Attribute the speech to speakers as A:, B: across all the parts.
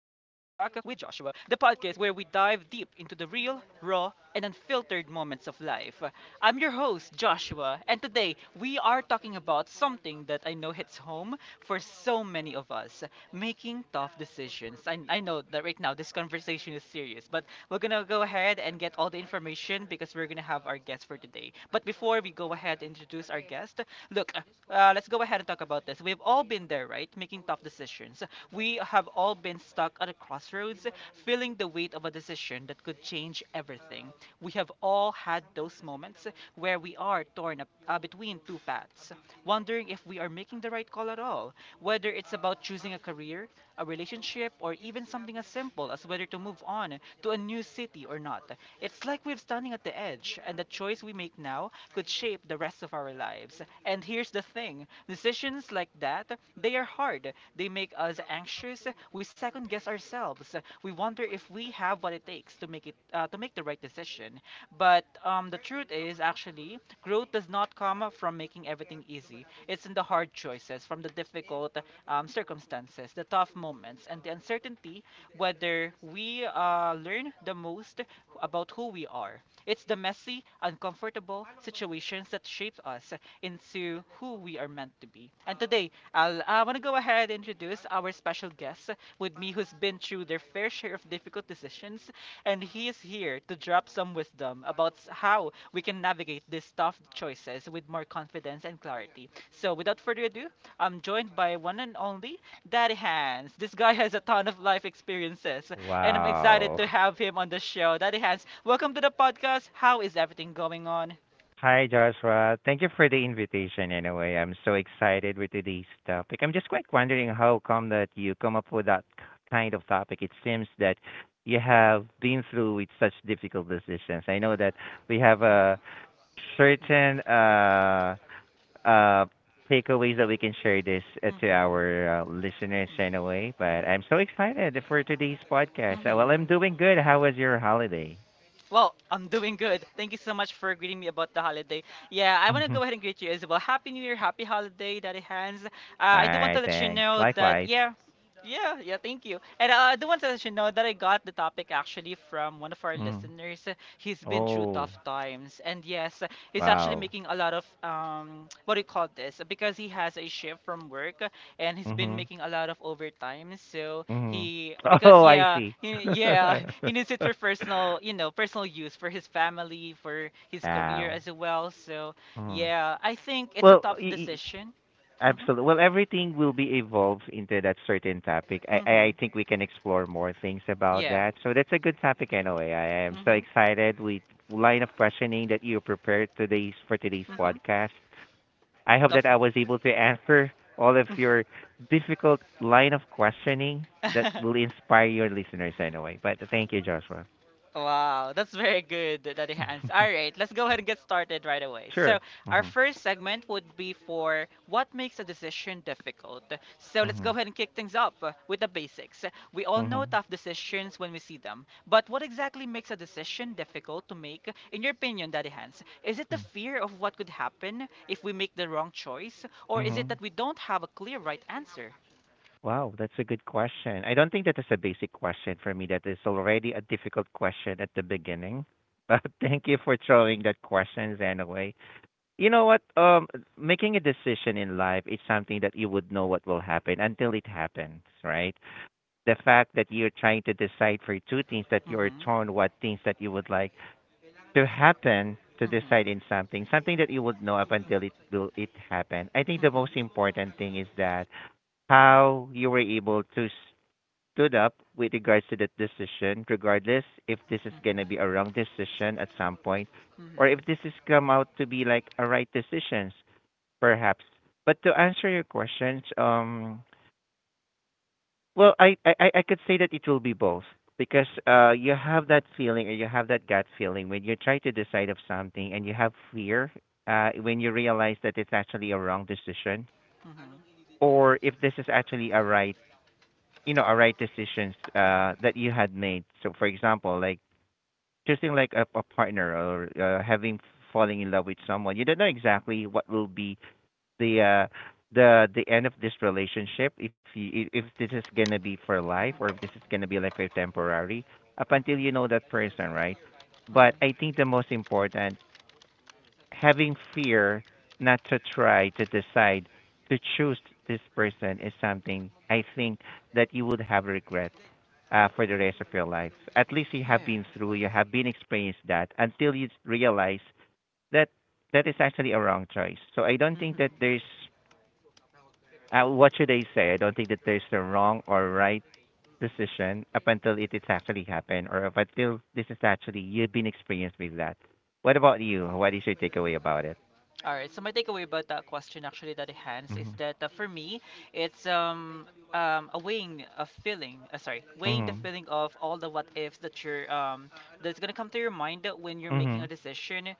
A: with Joshua, the podcast where we dive deep into the real, raw, and unfiltered moments of life. I'm your host, Joshua, and today we are talking about something that I know hits home for so many of us making tough decisions. I know that right now this conversation is serious, but we're gonna go ahead and get all the information because we're gonna have our guest for today. But before we go ahead and introduce our guest, look, let's go ahead and talk about this. We've all been there, right? Making tough decisions. We have all been stuck at a crossroads, feeling the weight of a decision that could change everything. We have all had those moments where we are torn up, between two paths, wondering if we are making the right call at all, whether it's about choosing a career, a relationship, or even something as simple as whether to move on to a new city or not. It's like we're standing at the edge, and the choice we make now could shape the rest of our lives. And here's the thing decisions like that, they are hard. They make us anxious. We second guess ourselves. We wonder if we have what it takes to make it to make the right decision. But the truth is actually growth does not come from making everything easy. It's in the hard choices, from the difficult circumstances, the tough moments, and the uncertainty whether we learn the most about who we are. It's the messy, uncomfortable situations that shape us into who we are meant to be. And today, I want to go ahead and introduce our special guest with me who's been through their fair share of difficult decisions and he is here to drop some wisdom about how we can navigate these tough choices with more confidence and clarity. So, without further ado, I'm joined by one and only Daddy Hans. This guy has a ton of life experiences, and I'm excited
B: Wow.
A: to have him on the show. Daddy Hans, welcome to the podcast. How is everything going on?
B: Hi, Joshua. Thank you for the invitation anyway. I'm so excited with today's topic. I'm just quite wondering how come that you come up with that kind of topic. It seems that you have been through with such difficult decisions. I know that we have a certain uh takeaways that we can share this to
A: Mhm,
B: our listeners
A: mhm,
B: anyway, but
A: mhm,
B: I'm so excited for today's podcast.
A: mhm,
B: Well,
A: mhm.
B: I'm doing good. How was your holiday?
A: Well, I'm doing good. Thank you so much for greeting me about the holiday. Yeah, I want to go ahead and greet you as well. Happy New Year, happy holiday, Daddy Hands. I do want to
B: Alright,
A: let you
B: thanks.
A: know that,
B: Likewise.
A: yeah, yeah, yeah, thank you. And I do want to let you know that I got the topic actually from one of our
B: Mhm.
A: listeners. He's been through
B: Oh,
A: tough times. And yes, he's actually
B: wow.
A: making a lot of, what do you call this? Because he has a shift from work and he's been
B: Mhm.
A: making a lot of overtime. So,
B: Mhm.
A: he because
B: Oh, I
A: yeah,
B: see.
A: he, yeah, he needs it for personal, personal use for his family, for his career
B: Wow.
A: as well. So
B: Mhm.
A: yeah, I think it's a
B: Well,
A: tough decision. Mhm.
B: absolutely. Well, everything will be evolved into that certain topic. I
A: Mhm.
B: think we can explore more things about
A: Yeah.
B: that. So that's a good topic anyway. I am so
A: Mhm.
B: excited with line of questioning that you prepared today's
A: Mhm.
B: podcast. I hope that
A: Tough.
B: I was able to answer all of your difficult line of questioning that will inspire your listeners anyway. But thank you, Joshua.
A: Wow, that's very good, Daddy Hans. All right, let's go ahead and get started right away.
B: Sure.
A: So, our
B: Mhm.
A: first segment would be for what makes a decision difficult. So, let's go
B: Mhm.
A: ahead and kick things off with the basics. We all know
B: Mhm.
A: tough decisions when we see them, but what exactly makes a decision difficult to make, in your opinion, Daddy Hans? Is it the
B: Mm.
A: fear of what could happen if we make the wrong choice, or is it that
B: Mhm.
A: we don't have a clear right answer?
B: Wow, that's a good question. I don't think that is a basic question for me. That is already a difficult question at the beginning. But thank you for throwing that questions anyway. You know what? Making a decision in life is something that you would know what will happen until it happens, right? The fact that you're trying to decide for two things that you're
A: Mm-hmm,
B: torn what things that you would like to happen, to
A: mm-hmm,
B: decide in something that you would know up until it happen. I think the most
A: mm-hmm,
B: important thing is that how you were able to stood up with regards to the decision, regardless if this is going to be a wrong decision at some point, or if
A: mm-hmm,
B: this has come out to be like a right decisions perhaps. But to answer your questions, well, I could say that it will be both, because you have that feeling, or you have that gut feeling when you try to decide of something, and you have fear when you realize that it's actually a wrong decision,
A: mm-hmm,
B: or if this is actually a right, a right decisions that
A: mm-hmm,
B: you had made. So, for example, like choosing like a partner, or having falling in love with someone, you don't know exactly what will be the uh the end of this relationship, if this is gonna be for life, or if
A: mm-hmm.
B: this is gonna be like for temporary, up until you
A: Hmm,
B: know that person, right? But I
A: hmm.
B: think the most important, having fear not to try to decide to choose this person, is something I think that you would have regret for the rest of your life. At least
A: Yeah.
B: you have been experienced that, until you realize that that is actually a wrong choice. So I don't
A: Hmm.
B: think that there's, what should I say? I don't think that there's a wrong or right decision up until it is actually happened, or up until this is actually you've been experienced with that. What about you? What is your takeaway about it?
A: All right. So my takeaway about that question, actually, that it hands is
B: Mhm.
A: that for me, it's a weighing a feeling. Sorry, weighing the
B: Mhm.
A: feeling of all the what ifs that you're that's gonna come to your mind when you're making
B: Mhm.
A: a decision,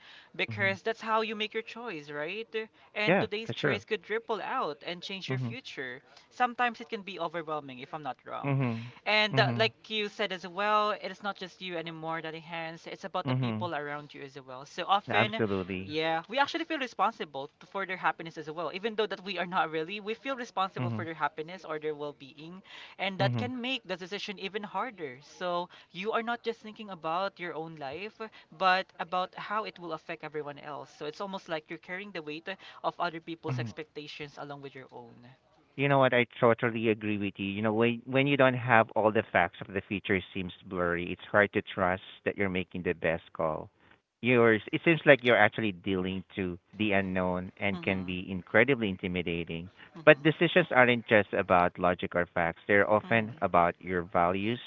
B: Mhm.
A: because that's how you make your choice, right? And
B: Yeah,
A: today's
B: that's true.
A: choice could ripple out and change your
B: Mhm.
A: future. Sometimes it can be overwhelming, if I'm not wrong.
B: Mhm.
A: And
B: Mhm.
A: like you said as well, it is not just you anymore that enhance. It's about the
B: Mhm.
A: people around you as well. So often
B: Absolutely.
A: yeah, we actually feel responsible for their happiness as well. Even though that we are not really, we feel responsible for
B: Mhm.
A: their happiness or their well-being, and that
B: Mhm.
A: can make the decision even harder. So you are not just thinking about your own life, but about how it will affect everyone else. So it's almost like you're carrying the weight of other people's
B: Mhm.
A: expectations along with your own.
B: You know what? I totally agree with you. You know, when you don't have all the facts of the future seems blurry, it's hard to trust that you're making the best call. Yours, it seems like you're actually dealing to the unknown and can
A: Mhm.
B: be incredibly intimidating. But
A: Mhm.
B: decisions aren't just about logic or facts. They're often
A: Mhm.
B: about your values,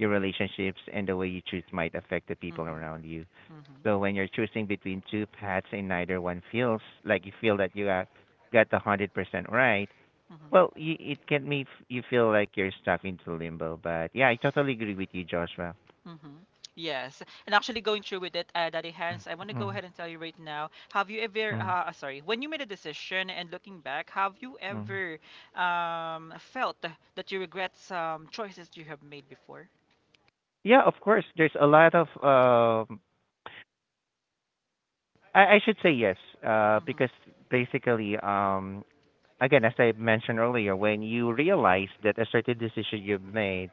B: your relationships, and the way you choose might affect the people
A: Mhm.
B: around you.
A: Mhm.
B: So when you're choosing between two paths and neither one feels like you feel that you got the 100% right, well,
A: Mhm.
B: it can make you feel like you're stuck into limbo, but yeah, I totally agree with you, Joshua.
A: Mm-hmm. Yes. And actually going through with it, Daddy Hans, I want to go
B: Mm,
A: ahead and tell you right now, have you
B: mm,
A: ever, sorry, when you made a decision and looking back, have you
B: mm.
A: ever felt that you regret some choices you have made before?
B: Yeah, of course. There's a lot of, I should say yes,
A: Mm-hmm.
B: because basically, again, as I mentioned earlier, when you realize that a certain decision you've made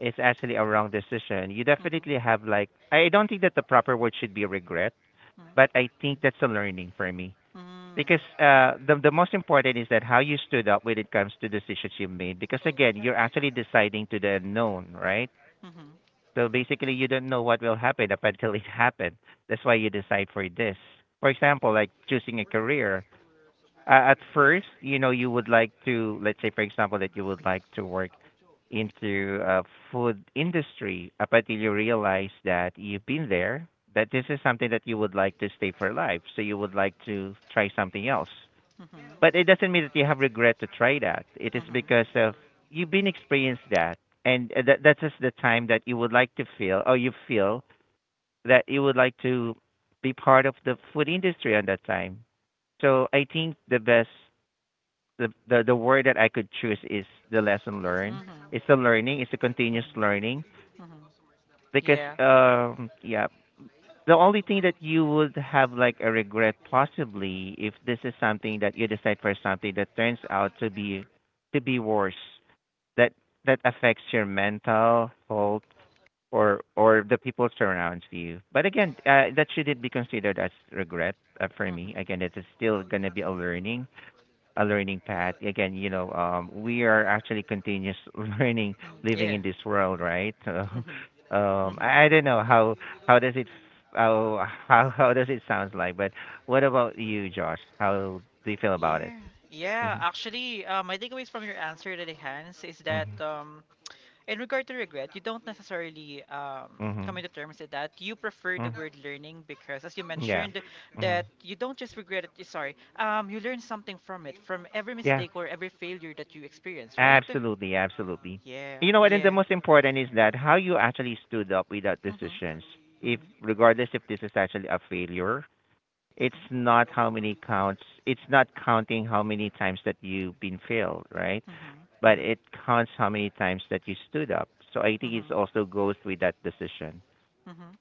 B: is actually a wrong decision, you definitely
A: Mm-hmm.
B: have like, I don't think that the proper word should be regret, but I
A: Mm-hmm.
B: think that's a learning for me. Because
A: Mm-hmm.
B: the most important is that how you stood up when it comes to decisions you made. Because again, you're actually deciding to the unknown, right?
A: Mm-hmm.
B: So basically, you don't know what will happen up until it happens. That's why you decide for this. For example, like choosing a career. At first, you would like to, let's say, for example, that you would like to work into food industry up until you realize that you've been there, that this is something that you would like to stay for life. So you would like to try something else,
A: Mm-hmm.
B: but it doesn't mean that you have regret to try that. It is because of you've been experienced that, and that that is just the time that you would like to feel, or you feel that you would like to be part of the food industry on that time. So I think the best, the word that I could choose is the lesson learned.
A: Mm-hmm. Mm-hmm.
B: It's the learning. It's the continuous learning
A: Mm-hmm.
B: because
A: Yeah.
B: yeah, the only thing that you would have like a regret, possibly if this is something that you decide for something that turns out to be worse, that that affects your mental health, or the people surrounds you. But again, that shouldn't be considered as regret for me.
A: Mm-hmm.
B: Again, it is still gonna be a learning path. Again, you know, we are actually continuous learning,
A: Mm-hmm.
B: living
A: Yeah.
B: in this world, right? So,
A: Mm-hmm. Mm-hmm.
B: I don't know how does it how does it sounds like, but what about you, Josh? How do you feel about it?
A: Yeah, yeah.
B: Mhm,
A: Actually, my takeaways from your answer, Lily Hans, is that
B: mhm,
A: in regard to regret, you don't necessarily come
B: mhm,
A: into terms with that. You prefer
B: mhm.
A: the word learning because, as you
B: Yeah,
A: mentioned,
B: mhm,
A: that you don't just regret it. Sorry, you learn something from it, from every
B: yeah,
A: mistake or every failure that you experience, right?
B: absolutely, absolutely.
A: Yeah,
B: You know what? And the
A: yeah.
B: most important is that how you actually stood up without
A: Mhm,
B: decisions, if
A: mhm,
B: regardless if this is actually a failure. It's
A: mhm,
B: not how many counts. It's not counting how many times that you've been failed, right?
A: mhm,
B: But
A: mhm,
B: it counts how many times that you stood up. So I think it
A: mhm,
B: also goes with that decision.
A: mhm.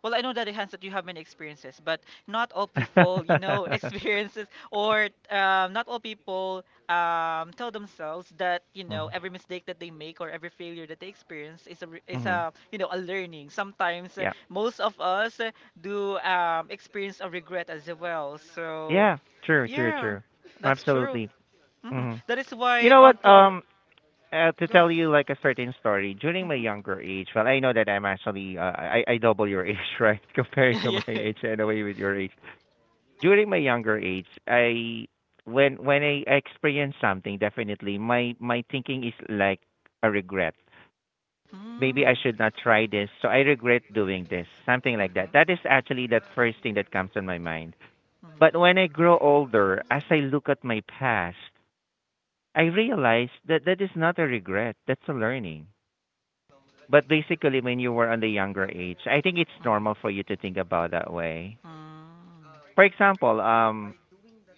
A: Well, I know that Hans that you have many experiences, but not all people, you know, experiences or not all people tell themselves that you know
B: Mm-hmm.
A: every mistake that they make or every failure that they experience is a you know a learning. Sometimes
B: Yeah.
A: most of us do experience a regret as well. So
B: Yeah. True. True.
A: yeah,
B: True.
A: that's true.
B: Absolutely.
A: Mhm.
B: Hmm.
A: That is
B: You
A: why
B: know what?
A: onto our
B: To
A: go
B: tell
A: ahead.
B: you like a certain story during my
A: Mhm.
B: younger age. Well, I know that I'm actually, I double your age, right? Compared to
A: yeah.
B: my age, and away with your age. During my younger age, I when I experience something, definitely my thinking is like a regret. Maybe I
A: Mm.
B: should not try this, so I regret doing this, something like that.
A: Mhm.
B: That is actually that first thing that comes on my mind. But
A: Mhm.
B: when I grow older, as I look at my past, I realize that that is not a regret, that's a learning. But basically, when you were on the younger age, I think it's
A: Mhm.
B: normal for you to think about that way.
A: Mm.
B: For example,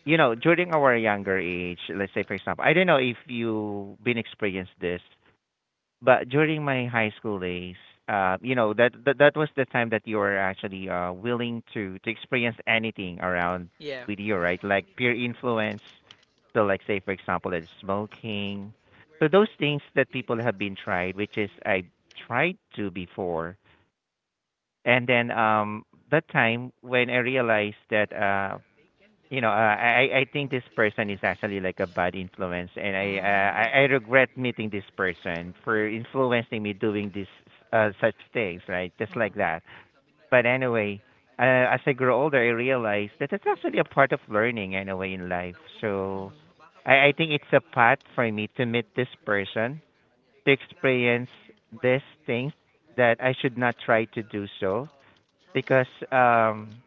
B: you know, during our younger age, let's say for example, I don't know if you have been experienced this, but during my high school days, you know, that was the time that you were actually willing to experience anything around
A: Yeah.
B: with you, right? Like peer influence. So like say for example that smoking. So those things that people have been tried, which is I tried to before. And then that time when I realized that you know, I think this person is actually like a bad influence, and I uh,
A: Mm.
B: I, I regret meeting this person for influencing me doing this such things, right? Just like
A: Mhm.
B: that. But anyway, as I grow older, I realize that it's actually a part of learning anyway in life. So I think it's a path for me to meet this person, to experience these things that I should not try to do so because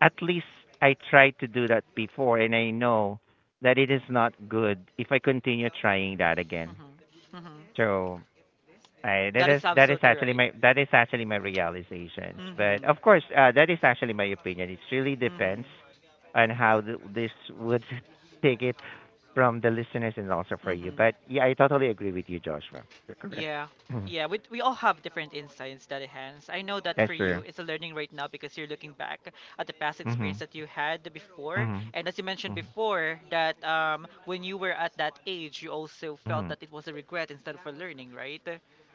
B: at least I tried to do that before, and I know that it is not good if I continue trying that again.
A: Mhm. Mhm. Mhm.
B: So, I,
A: That is
B: that is
A: absolutely
B: actually
A: right.
B: my that is actually my realizations. But
A: Mhm.
B: of course, that is actually my opinion. It really
A: Mhm.
B: depends on how this would take it from the listeners and also for you.
A: Mhm.
B: But yeah, I totally agree with you, Joshua. You're correct.
A: Yeah.
B: Mhm.
A: Yeah, we all have different insights that it has. I know that for
B: That's
A: you,
B: true.
A: it's a learning right now because you're looking back at the past experience
B: Mhm.
A: that you had before.
B: Mhm.
A: And as you mentioned
B: Mhm.
A: before, that when you were at that age, you also felt
B: Mhm.
A: that it was a regret instead of a learning, right?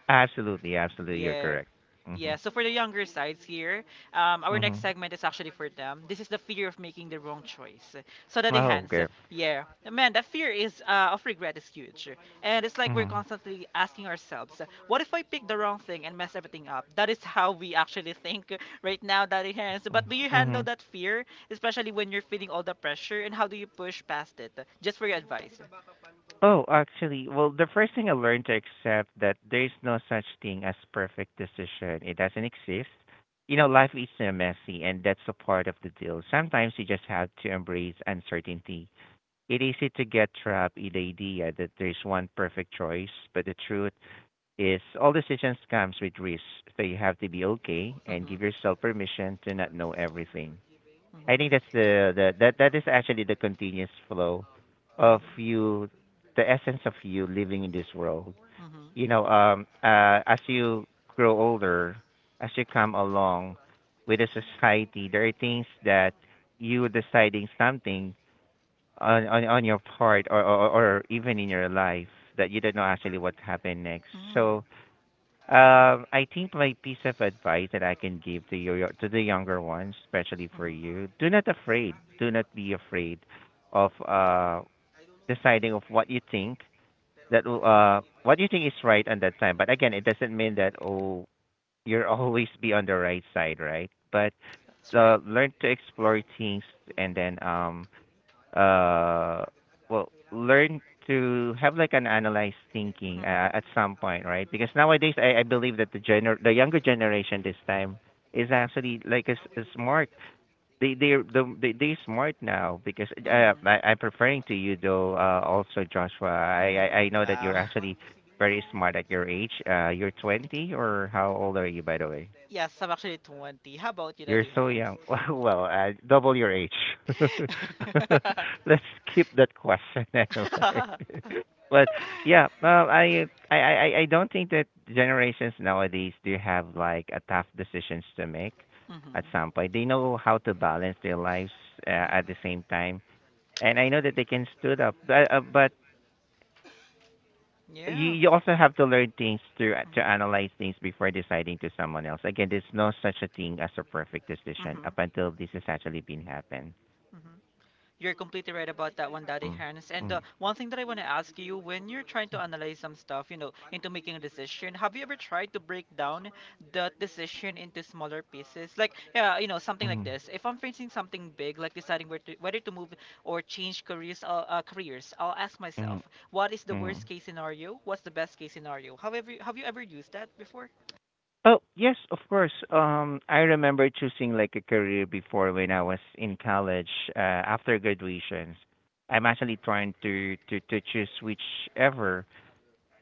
B: Absolutely, absolutely, you're
A: Yeah.
B: correct. Mhm.
A: Yeah, so for the younger sides here, our next
B: Mhm.
A: segment is actually for them. This is the fear of making the wrong choice. So that the
B: Oh,
A: hands,
B: okay.
A: yeah, man, that fear is of regret is huge, and it's like we're
B: Mhm.
A: constantly asking ourselves, what if I pick the wrong thing and mess everything up? That is how we actually think right now, daddy hands.
B: Mm,
A: But do you handle
B: mhm.
A: that fear, especially when you're feeling all the pressure, and how do you push past it? Just for your advice.
B: Oh, actually, well, the first thing I learned to accept that there is no such thing as perfect decision. It doesn't exist. You know, life is messy, and that's a part of the deal. Sometimes you just have to embrace uncertainty. It's easy to get trapped in the idea that there's one perfect choice, but the truth is all decisions comes with risks, so you have to be okay
A: Hmm,
B: and
A: hmm,
B: give yourself permission to not know everything. I think that's the that that is actually the continuous flow
A: hmm,
B: of you,
A: hmm.
B: the essence of you living in this world.
A: Mm-hmm.
B: As you grow older, as you come along with the society, there are things that you deciding something on your part or even in your life that you don't know actually what happened next. So I think my piece of advice that I can give to your to the younger ones, especially for
A: Mm-hmm.
B: you, do not afraid. Do not be afraid of deciding of what you think that will, what you think is right at that time. But again, it doesn't mean that oh you're always be on the right side, right? But
A: That's right.
B: learn to explore things and then uh well learn to have like an analyzed thinking
A: Hmm, hmm,
B: at some point, right? Because nowadays I believe that the younger generation this time is actually like is smart. They they they they smart now because I'm preferring to you though, also Joshua. I, I
A: hmm.
B: i know that you're
A: Wow.
B: actually very smart at your age. Uh, you're 20, or how old are you, by the way?
A: Yes, I'm actually 20. How about you,
B: You're
A: Daddy
B: so
A: Hands?
B: young. Well, double your age. Let's keep that question anyway. But yeah, I don't think that generations nowadays do have like a tough decisions to make. At
A: Hmm,
B: some point, they know how to balance their lives
A: hmm.
B: at the same time, and I know that they can stood up. But, but you
A: Yeah.
B: you also have to learn things to
A: Mm-hmm.
B: analyze things before deciding to someone else. Again, there's no such a thing as a perfect decision
A: Mm-hmm.
B: up until this has actually been happened.
A: Mm-hmm. You're completely right about that one, Daddy
B: Mm,
A: Hans. And
B: mm,
A: one thing that I want to ask you, when you're trying to analyze some stuff, you know, into making a decision, have you ever tried to break down the decision into smaller pieces? Like, yeah, you know, something like
B: mm,
A: this. If I'm facing something big, like deciding where to, whether to move or change careers, careers, I'll ask
B: mm,
A: myself, what is the
B: mm.
A: worst case scenario? What's the best case scenario? However, have you ever used that before?
B: Oh yes, of course. I remember choosing like a career before when I was in college. After graduations, I'm actually trying to choose whichever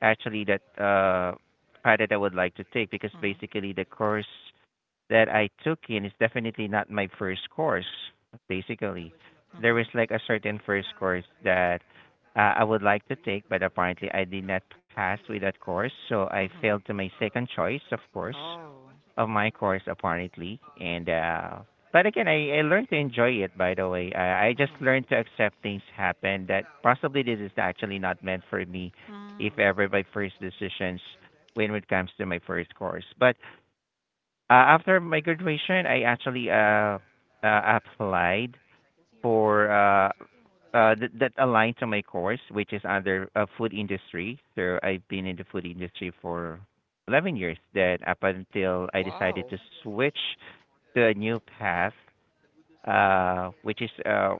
B: actually that path that I would like to take, because
A: Mm-hmm.
B: basically the course that I took in is definitely not my first course, basically. There
A: Mm-hmm.
B: was like a certain first course that I would like to take, but apparently I did not pass with that course, so I failed to my second choice, of
A: Mm-hmm.
B: course,
A: Oh.
B: of my course apparently. And but again, I learned to enjoy it. By the way, I just
A: Mhm.
B: learned to accept things happen that possibly this is actually not meant for me, if
A: Mm.
B: ever my first decisions when it comes to my first course. But after my graduation, I actually applied for that, that aligned to my course, which is under food industry. So I've been in the food industry for 11 years. Then up until I decided
A: Wow.
B: to switch to a new path, which is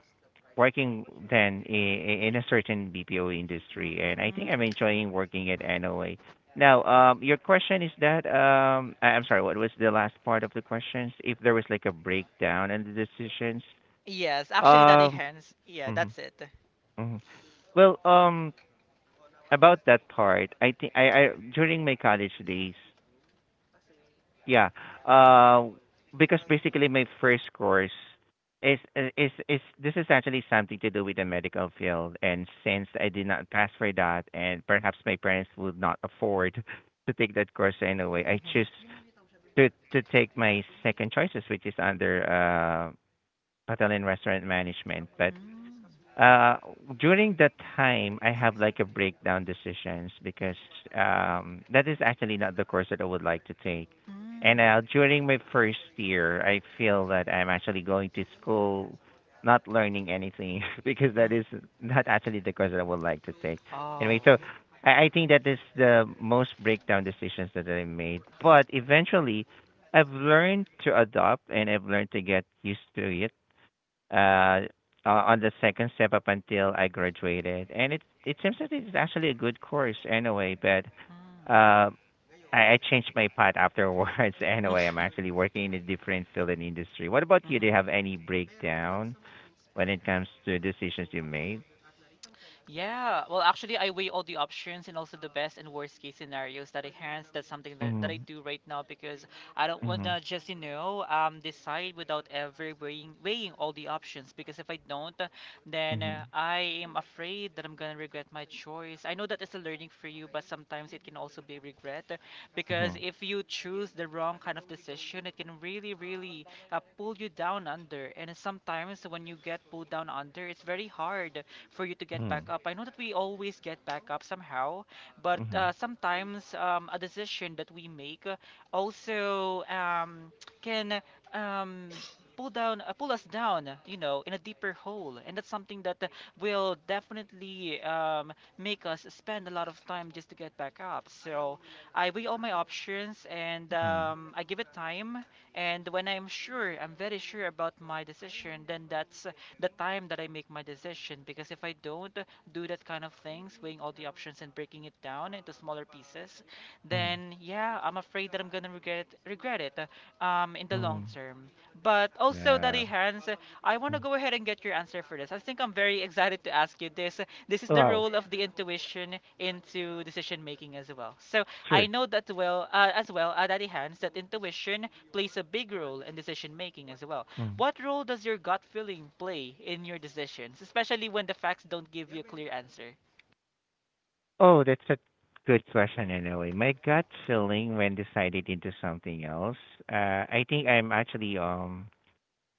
B: working then in a certain BPO industry, and I think I'm
A: Mhm.
B: enjoying working at NOA now. Um, your question is that I'm sorry, what was the last part of the questions? If there was like a breakdown in the decisions?
A: Yes, actually, that
B: um,
A: Hens. Yeah,
B: mhm,
A: that's it.
B: mhm. well, um, about that part, I think I during my college days, yeah. Uh, because basically my first course is is this is actually something to do with the medical field, and since I did not pass for that, and perhaps my parents would not afford to take that course anyway, I choose
A: Mhm.
B: to take my second choices, which is under hotel and restaurant management. But
A: Mm.
B: uh during that time I have like a breakdown decisions because that is actually not the course that I would like to take. And
A: Mm.
B: during my first year I feel that I'm actually going to school not learning anything because that
A: Mm.
B: is not actually the course that I would like to take
A: Oh.
B: anyway. So I think that is the most breakdown decisions that I made, but eventually I've learned to adopt and I've learned to get used to it, uh, uh, on the second step up until I graduated, and it seems that it's actually a good course anyway. But
A: Mm.
B: uh, I changed my path afterwards anyway. I'm actually working in a different field and industry. What about you? Do you
A: Mhm.
B: have any breakdown when it comes to decisions you made?
A: Yeah, well, actually, I weigh all the options and also the best and worst case scenarios that I hands. That's something that, I
B: Mhm.
A: do right now because I don't want
B: Mhm.
A: to just, you know, decide without ever weighing all the options because if I don't, then
B: Mhm.
A: I am afraid that I'm going to regret my choice. I know that it's a learning for you, but sometimes it can also be regret because
B: Mhm.
A: if you choose the wrong kind of decision, it can really pull you down under. And sometimes when you get pulled down under, it's very hard for you to get back
B: Mhm.
A: up. I know that we always get back up somehow, but
B: Mhm.
A: sometimes a decision that we make, also can um, pull down pull us down in a deeper hole, and that's something that will definitely make us spend a lot of time just to get back up. So I weigh all my options and
B: Mhm.
A: I give it time, and when I'm sure, I'm very sure about my decision, then that's the time that I make my decision. Because if I don't do that kind of things, weighing all the options and breaking it down into smaller pieces,
B: Mhm.
A: then yeah, I'm afraid that I'm gonna regret it in the long
B: Mhm.
A: term. But also, Daddy
B: Yeah.
A: Hans, I want
B: Mm.
A: to go ahead and get your answer for this. I think I'm very excited to ask you this. This is the
B: Wow.
A: role of the intuition into decision making as well. So I
B: Sure.
A: know that, well as well, Daddy Hans, that intuition plays a big role in decision making as well. What role does your gut feeling play in your decisions, especially when the facts don't give you a clear answer?
B: Oh, that's a good question in a way. My gut feeling when decided into something else, I think I'm actually.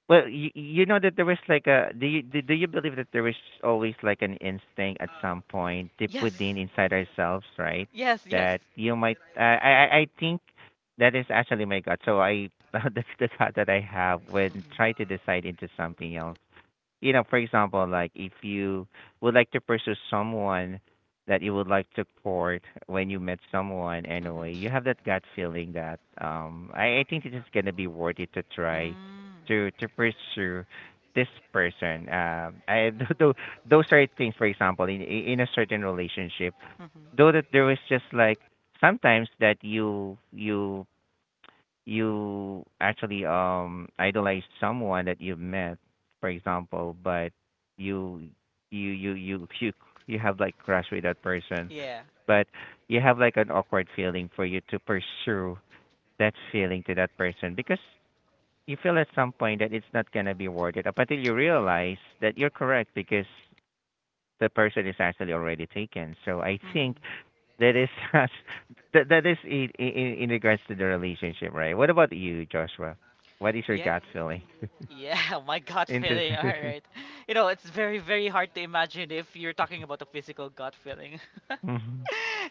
B: Well, you know that there was like a do you believe that there is always like an instinct at some point deep within
A: Yes.
B: inside ourselves, right?
A: Yes. Yes.
B: That you might I think that is actually my gut. So I that's the gut that I have when try
A: Mhm.
B: to decide into something else. You know, for example, like if you would like to pursue someone that you would like to court when you met someone anyway,
A: Mm-hmm.
B: you have that gut feeling that I think it is gonna be worth it to try
A: Mm-hmm.
B: to pursue this person. Um, I though those are things, for example, in a certain relationship. Though
A: Mm-hmm.
B: that there was just like sometimes that you actually idolize someone that you've met, for example, but you you you have like crush with that person,
A: Yeah.
B: but you have like an awkward feeling for you to pursue that feeling to that person because you feel at some point that it's not gonna be worth it up until you realize that you're correct because the person is actually already taken. So I think
A: Mm-hmm.
B: that is such, that is in, in regards to the relationship, right? What about you, Joshua? What is your
A: Yeah.
B: gut feeling
A: Yeah, my gut
B: into
A: feeling. All
B: this?
A: right. You know, it's very, very hard to imagine if you're talking about a physical gut feeling.
B: Mhm.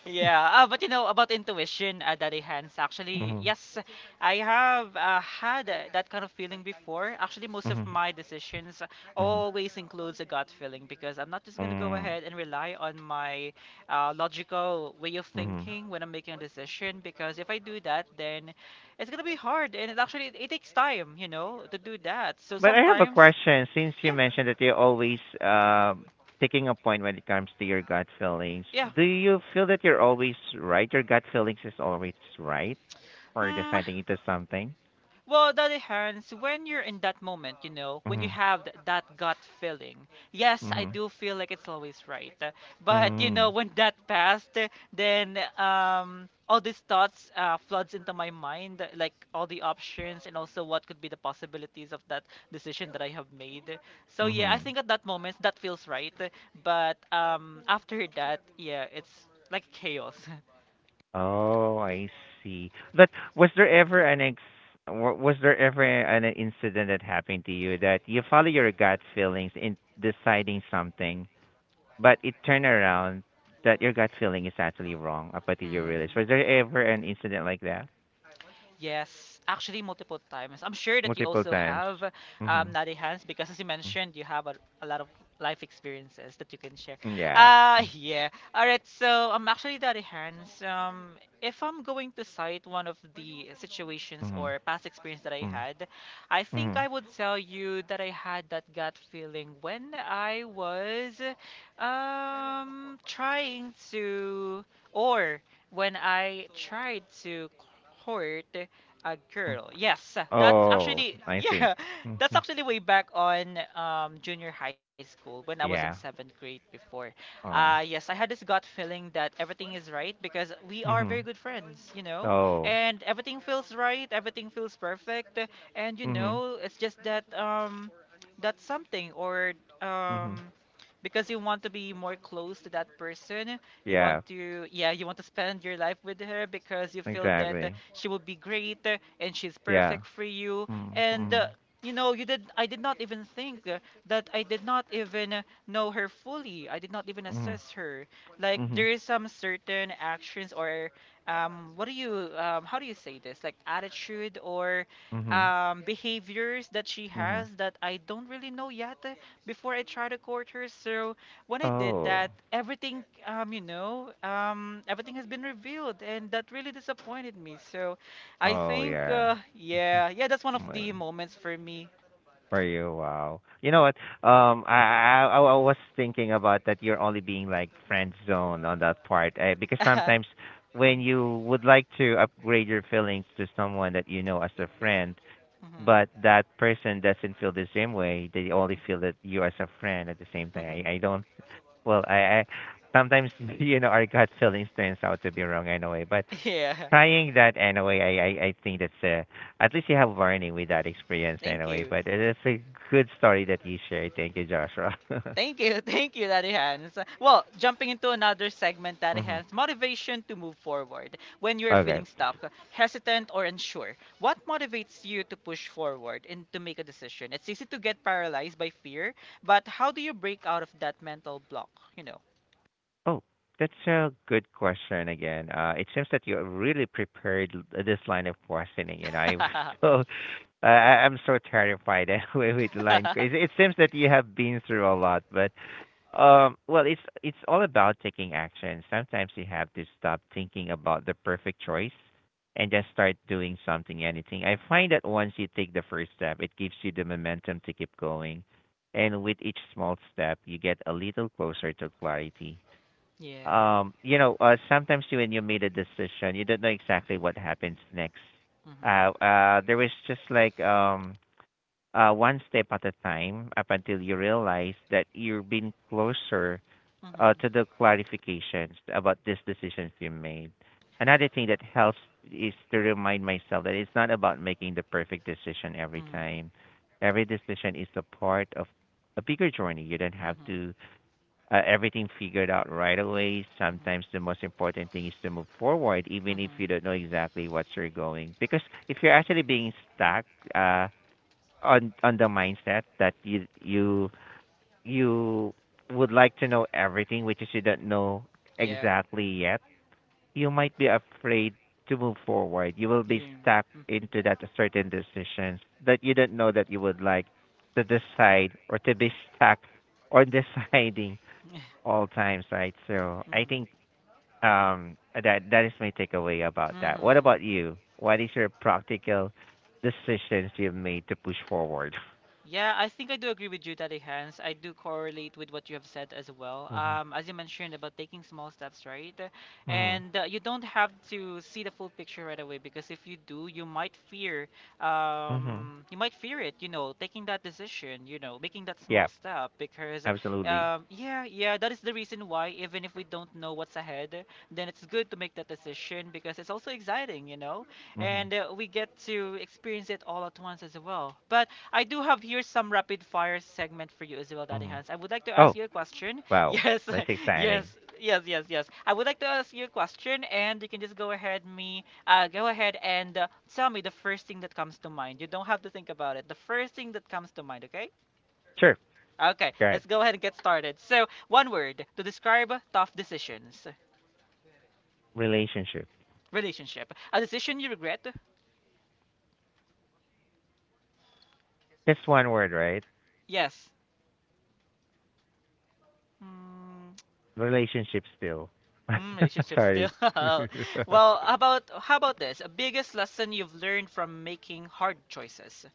A: Yeah, but you know about intuition, Daddy Hans. Actually,
B: Mhm.
A: yes, I have had that kind of feeling before. Actually, most
B: Mhm.
A: of my decisions
B: Mhm.
A: always includes a gut feeling, because I'm not just gonna go
B: Mm.
A: ahead and rely on my logical way of
B: Mhm.
A: thinking when I'm making a decision. Because if I do that, then it's gonna be hard, and it actually it takes time, you know, to do that. So
B: But I have a
A: sometimes
B: question. Since you
A: yeah,
B: mentioned that you're always taking a point when it comes to your gut feelings,
A: yeah.
B: do you feel that you're always right? Your gut feelings is always right for
A: Hmm.
B: deciding into something?
A: Well, Daddy Hans, when you're in that moment, you know, when you
B: Mhm.
A: have that gut feeling, yes, I
B: Mhm.
A: do feel like it's always right. But you know,
B: Mhm.
A: when that passed, then all these thoughts floods into my mind, like all the options and also what could be the possibilities of that decision that I have made. So yeah, I
B: Mhm.
A: think at that moment that feels right. But after that, yeah, it's like chaos.
B: Oh, I see. But was there ever an ex was there ever an incident that happened to you that you follow your gut feelings in deciding something, but it turned around that your gut feeling is actually wrong up until you
A: Mm.
B: realize? Was there ever an incident like that?
A: Yes, actually multiple times. I'm sure that you
B: Multiple
A: also
B: times.
A: have
B: Mhm.
A: naughty hands, because as you mentioned, you have a lot of life experiences that you can share.
B: Mm, yeah. Mm,
A: Yeah. All right, so I'm actually naughty hands. If I'm going to cite one of the situations
B: mhm.
A: or past experience that I
B: Mm,
A: had, I think
B: mhm.
A: I would tell you that I had that gut feeling when I was trying to, or when I tried to court a
B: Mm.
A: girl. Yes, that's
B: Oh,
A: actually
B: I see.
A: yeah, that's
B: Mhm.
A: actually way back on junior high school when I was in
B: Yeah.
A: 7th grade before.
B: Oh.
A: Yes, I had this gut feeling that everything is right because we are very
B: Mhm.
A: good friends, you know,
B: Oh.
A: and everything feels right, everything feels perfect, and you
B: Mhm.
A: know, it's just that that's something, or um,
B: Mhm.
A: because you want to be more close to that person, you
B: Yeah.
A: want to, yeah, you want to spend your life with her because you feel that
B: Exactly.
A: she will be great, and she's
B: Yeah.
A: perfect for you.
B: Mhm.
A: And
B: Mhm.
A: you know, you did. I did not even think that I did not even know her fully. I did not even
B: Mhm.
A: assess her. Like
B: Mhm.
A: there is some certain actions, or what do you how do you say this? Like attitude or
B: Mhm.
A: behaviors that she
B: Mhm.
A: has that I don't really know yet before I try to court her. So when I did
B: Oh.
A: that, everything, you know, everything has been revealed, and that really disappointed me. So, I
B: Oh
A: think,
B: yeah. Mhm.
A: yeah, yeah, that's one of
B: Wait.
A: the moments for me.
B: For you, wow. You know what? I was thinking about that. You're only being like friend zone on that part, eh? Because sometimes when you would like to upgrade your feelings to someone that you know as a friend,
A: Mhm,
B: but that person doesn't feel the same way. They only feel
A: mhm,
B: that you as a friend at the same time.
A: mhm.
B: I don't. Well, I sometimes you know our gut feelings turns out to be wrong anyway. But
A: Yeah,
B: trying that anyway, I think that's a, at least you have learning with that experience
A: thank
B: anyway.
A: you.
B: But it's a good story that you shared. Thank you, Joshua.
A: Thank you, thank you, Daddy Hans. Well, jumping into another segment, Daddy
B: Hmm.
A: Hans, motivation to move forward. When you're
B: Okay.
A: feeling stuck, hesitant, or unsure, what motivates you to push forward and to make a decision? It's easy to get paralyzed by fear, but how do you break out of that mental block? You know.
B: Oh, that's a good question again. It seems that you're really prepared this line of questioning, and I'm so I'm so terrified anyway with line. It seems that you have been through a lot, but well, it's all about taking action. Sometimes you have to stop thinking about the perfect choice and just start doing something, anything. I find that once you take the first step, it gives you the momentum to keep going, and with each small step, you get a little closer to clarity.
A: Yeah.
B: You know, sometimes when you made a decision you don't know exactly what happens next.
A: Mhm.
B: There was just like one step at a time up until you realize that you're being closer
A: Mhm.
B: to the clarifications about these decisions you made. Another thing that helps is to remind myself that it's not about making the perfect decision every
A: Mhm.
B: time. Every decision is a part of a bigger journey. You don't have
A: Mhm.
B: to everything figured out right away. Sometimes
A: Mhm.
B: the most important thing is to move forward, even if you
A: Mhm.
B: don't know exactly what you're going. Because if you're actually being stuck uh, on the mindset that you would like to know everything, which is you don't know
A: Yeah.
B: exactly yet, you might be afraid to move forward. You will be
A: Yeah.
B: stuck
A: Mhm.
B: into that certain decisions that you don't know that you would like to decide or to be stuck on deciding all times, right? So I
A: Mhm.
B: think that that is my takeaway about that. What about
A: Mhm.
B: you? What is your practical decisions you've made to push forward?
A: Yeah, I think I do agree with you, Daddy Hans. I do correlate with what you have said as well.
B: Mm-hmm.
A: As you mentioned about taking small steps, right?
B: Mm-hmm.
A: And you don't have to see the full picture right away, because if you do,
B: Mm-hmm.
A: you might fear it, you know, taking that decision, you know, making that small
B: Yeah,
A: step. Because
B: absolutely.
A: yeah, yeah, that is the reason why even if we don't know what's ahead, then it's good to make that decision, because it's also exciting, you know,
B: Mm-hmm.
A: and we get to experience it all at once as well. But I do have here some rapid fire segment for you as well, Daddy
B: Mm-hmm.
A: Hans. I would like to ask
B: Oh,
A: you a question.
B: wow.
A: Yes,
B: That's exciting.
A: yes, yes, yes, yes. I would like to ask you a question, and you can just go ahead me, go ahead and tell me the first thing that comes to mind. You don't have to think about it. The first thing that comes to mind, okay?
B: Sure.
A: Okay,
B: Go ahead.
A: let's go ahead and get started. So, one word to describe tough decisions.
B: Relationship.
A: Relationship. A decision you regret?
B: That's one word, right?
A: Yes. Hmm.
B: Relationship still.
A: Mm, relationships
B: Sorry.
A: still. Well, how about, how about this? A biggest lesson you've learned from making hard choices.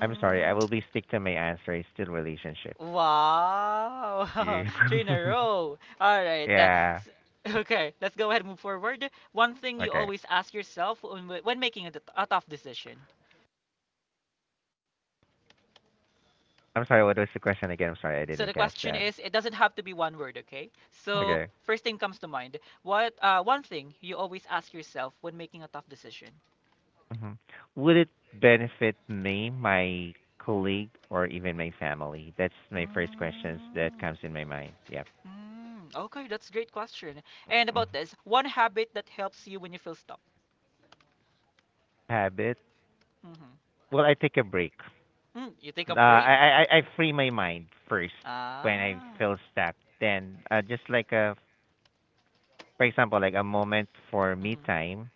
B: I'm sorry. I will be stick to my answer. It's still relationship.
A: Wow,
B: You.
A: three in a row. All right.
B: Yeah.
A: Okay, let's go ahead and move forward. One thing you
B: Okay.
A: always ask yourself when, when making a, a tough decision.
B: I'm sorry, what was the question again? I'm sorry, I
A: So the
B: didn't catch
A: question
B: that.
A: is, it doesn't have to be one word, okay? So
B: Okay.
A: first thing comes to mind. What one thing you always ask yourself when making a tough decision?
B: Hmm. Would it benefit me, my colleague, or even my family? That's my first questions that
A: Mm.
B: comes in my mind. Yep.
A: Mm, okay, that's a great question. And
B: Mhm.
A: about this, one habit that helps you when you feel stuck.
B: Habit.
A: Mm-hmm.
B: Well, I take a break.
A: Mm, you take a break.
B: I free my mind first when I
A: Ah.
B: feel stuck. Then just like a, for example, like a moment for me
A: Mm-hmm.
B: time.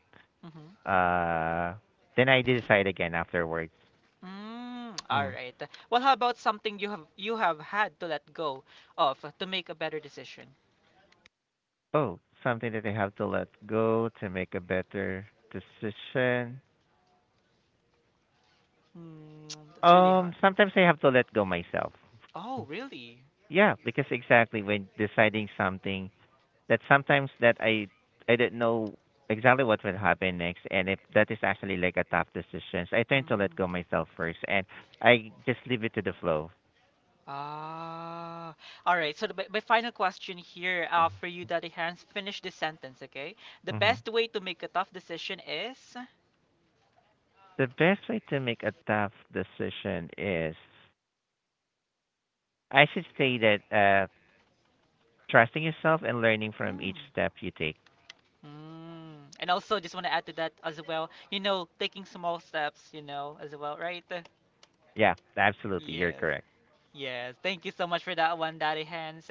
A: Mm-hmm.
B: Uh, then I decide again afterwards.
A: Mm, all
B: Mm.
A: right. Well, how about something you have had to let go of to make a better decision?
B: Oh, something that I have to let go to make a better decision.
A: Mm, that's really hard.
B: Sometimes I have to let go myself.
A: Oh, really?
B: Yeah, because exactly when deciding something that sometimes that I didn't know exactly what will happen next, and if that is actually like a tough decision, I tend to let
A: Mm.
B: go myself first, and I just leave it to the flow.
A: Ah, all right. So the, my final question here for you, Daddy Hans, finish this sentence, okay? The
B: Hmm.
A: best way to make a tough decision is.
B: The best way to make a tough decision is I should say that trusting yourself and learning from
A: Mm.
B: each step you take.
A: Mm. And also, just want to add to that as well, you know, taking small steps, you know, as well, right?
B: Yeah, absolutely. You're
A: Yes.
B: correct.
A: Yes, thank you so much for that one, Daddy Hands.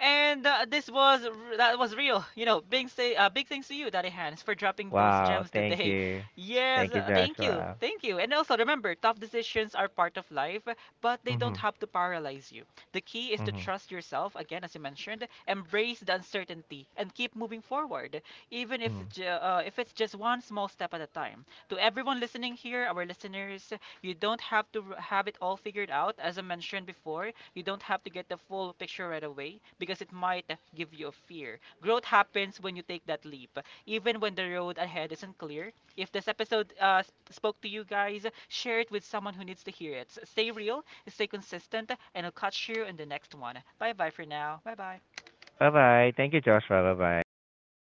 A: And this was that was real. You know, big say big thanks to you, Daddy Hands, for dropping those
B: Wow.
A: gems
B: Thank
A: today.
B: you.
A: Yes,
B: Thank you,
A: thank you,
B: Joshua.
A: thank you. And also remember, tough decisions are part of life, but they don't
B: Mhm.
A: have to paralyze you. The key is to
B: Mhm.
A: trust yourself again, as you mentioned, embrace the uncertainty, and keep moving forward, even if
B: Mhm.
A: if it's just one small step at a time. To everyone listening here, our listeners, you don't have to have it all figured out. As I mentioned before, you don't have to get the full picture right away, because it might give you a fear. Growth happens when you take that leap, even when the road ahead isn't clear. If this episode spoke to you guys, share it with someone who needs to hear it. Stay real, stay consistent, and I'll catch you in the next one. Bye bye for now. Bye bye.
B: Bye bye. Thank you, Joshua. Bye bye, everyone.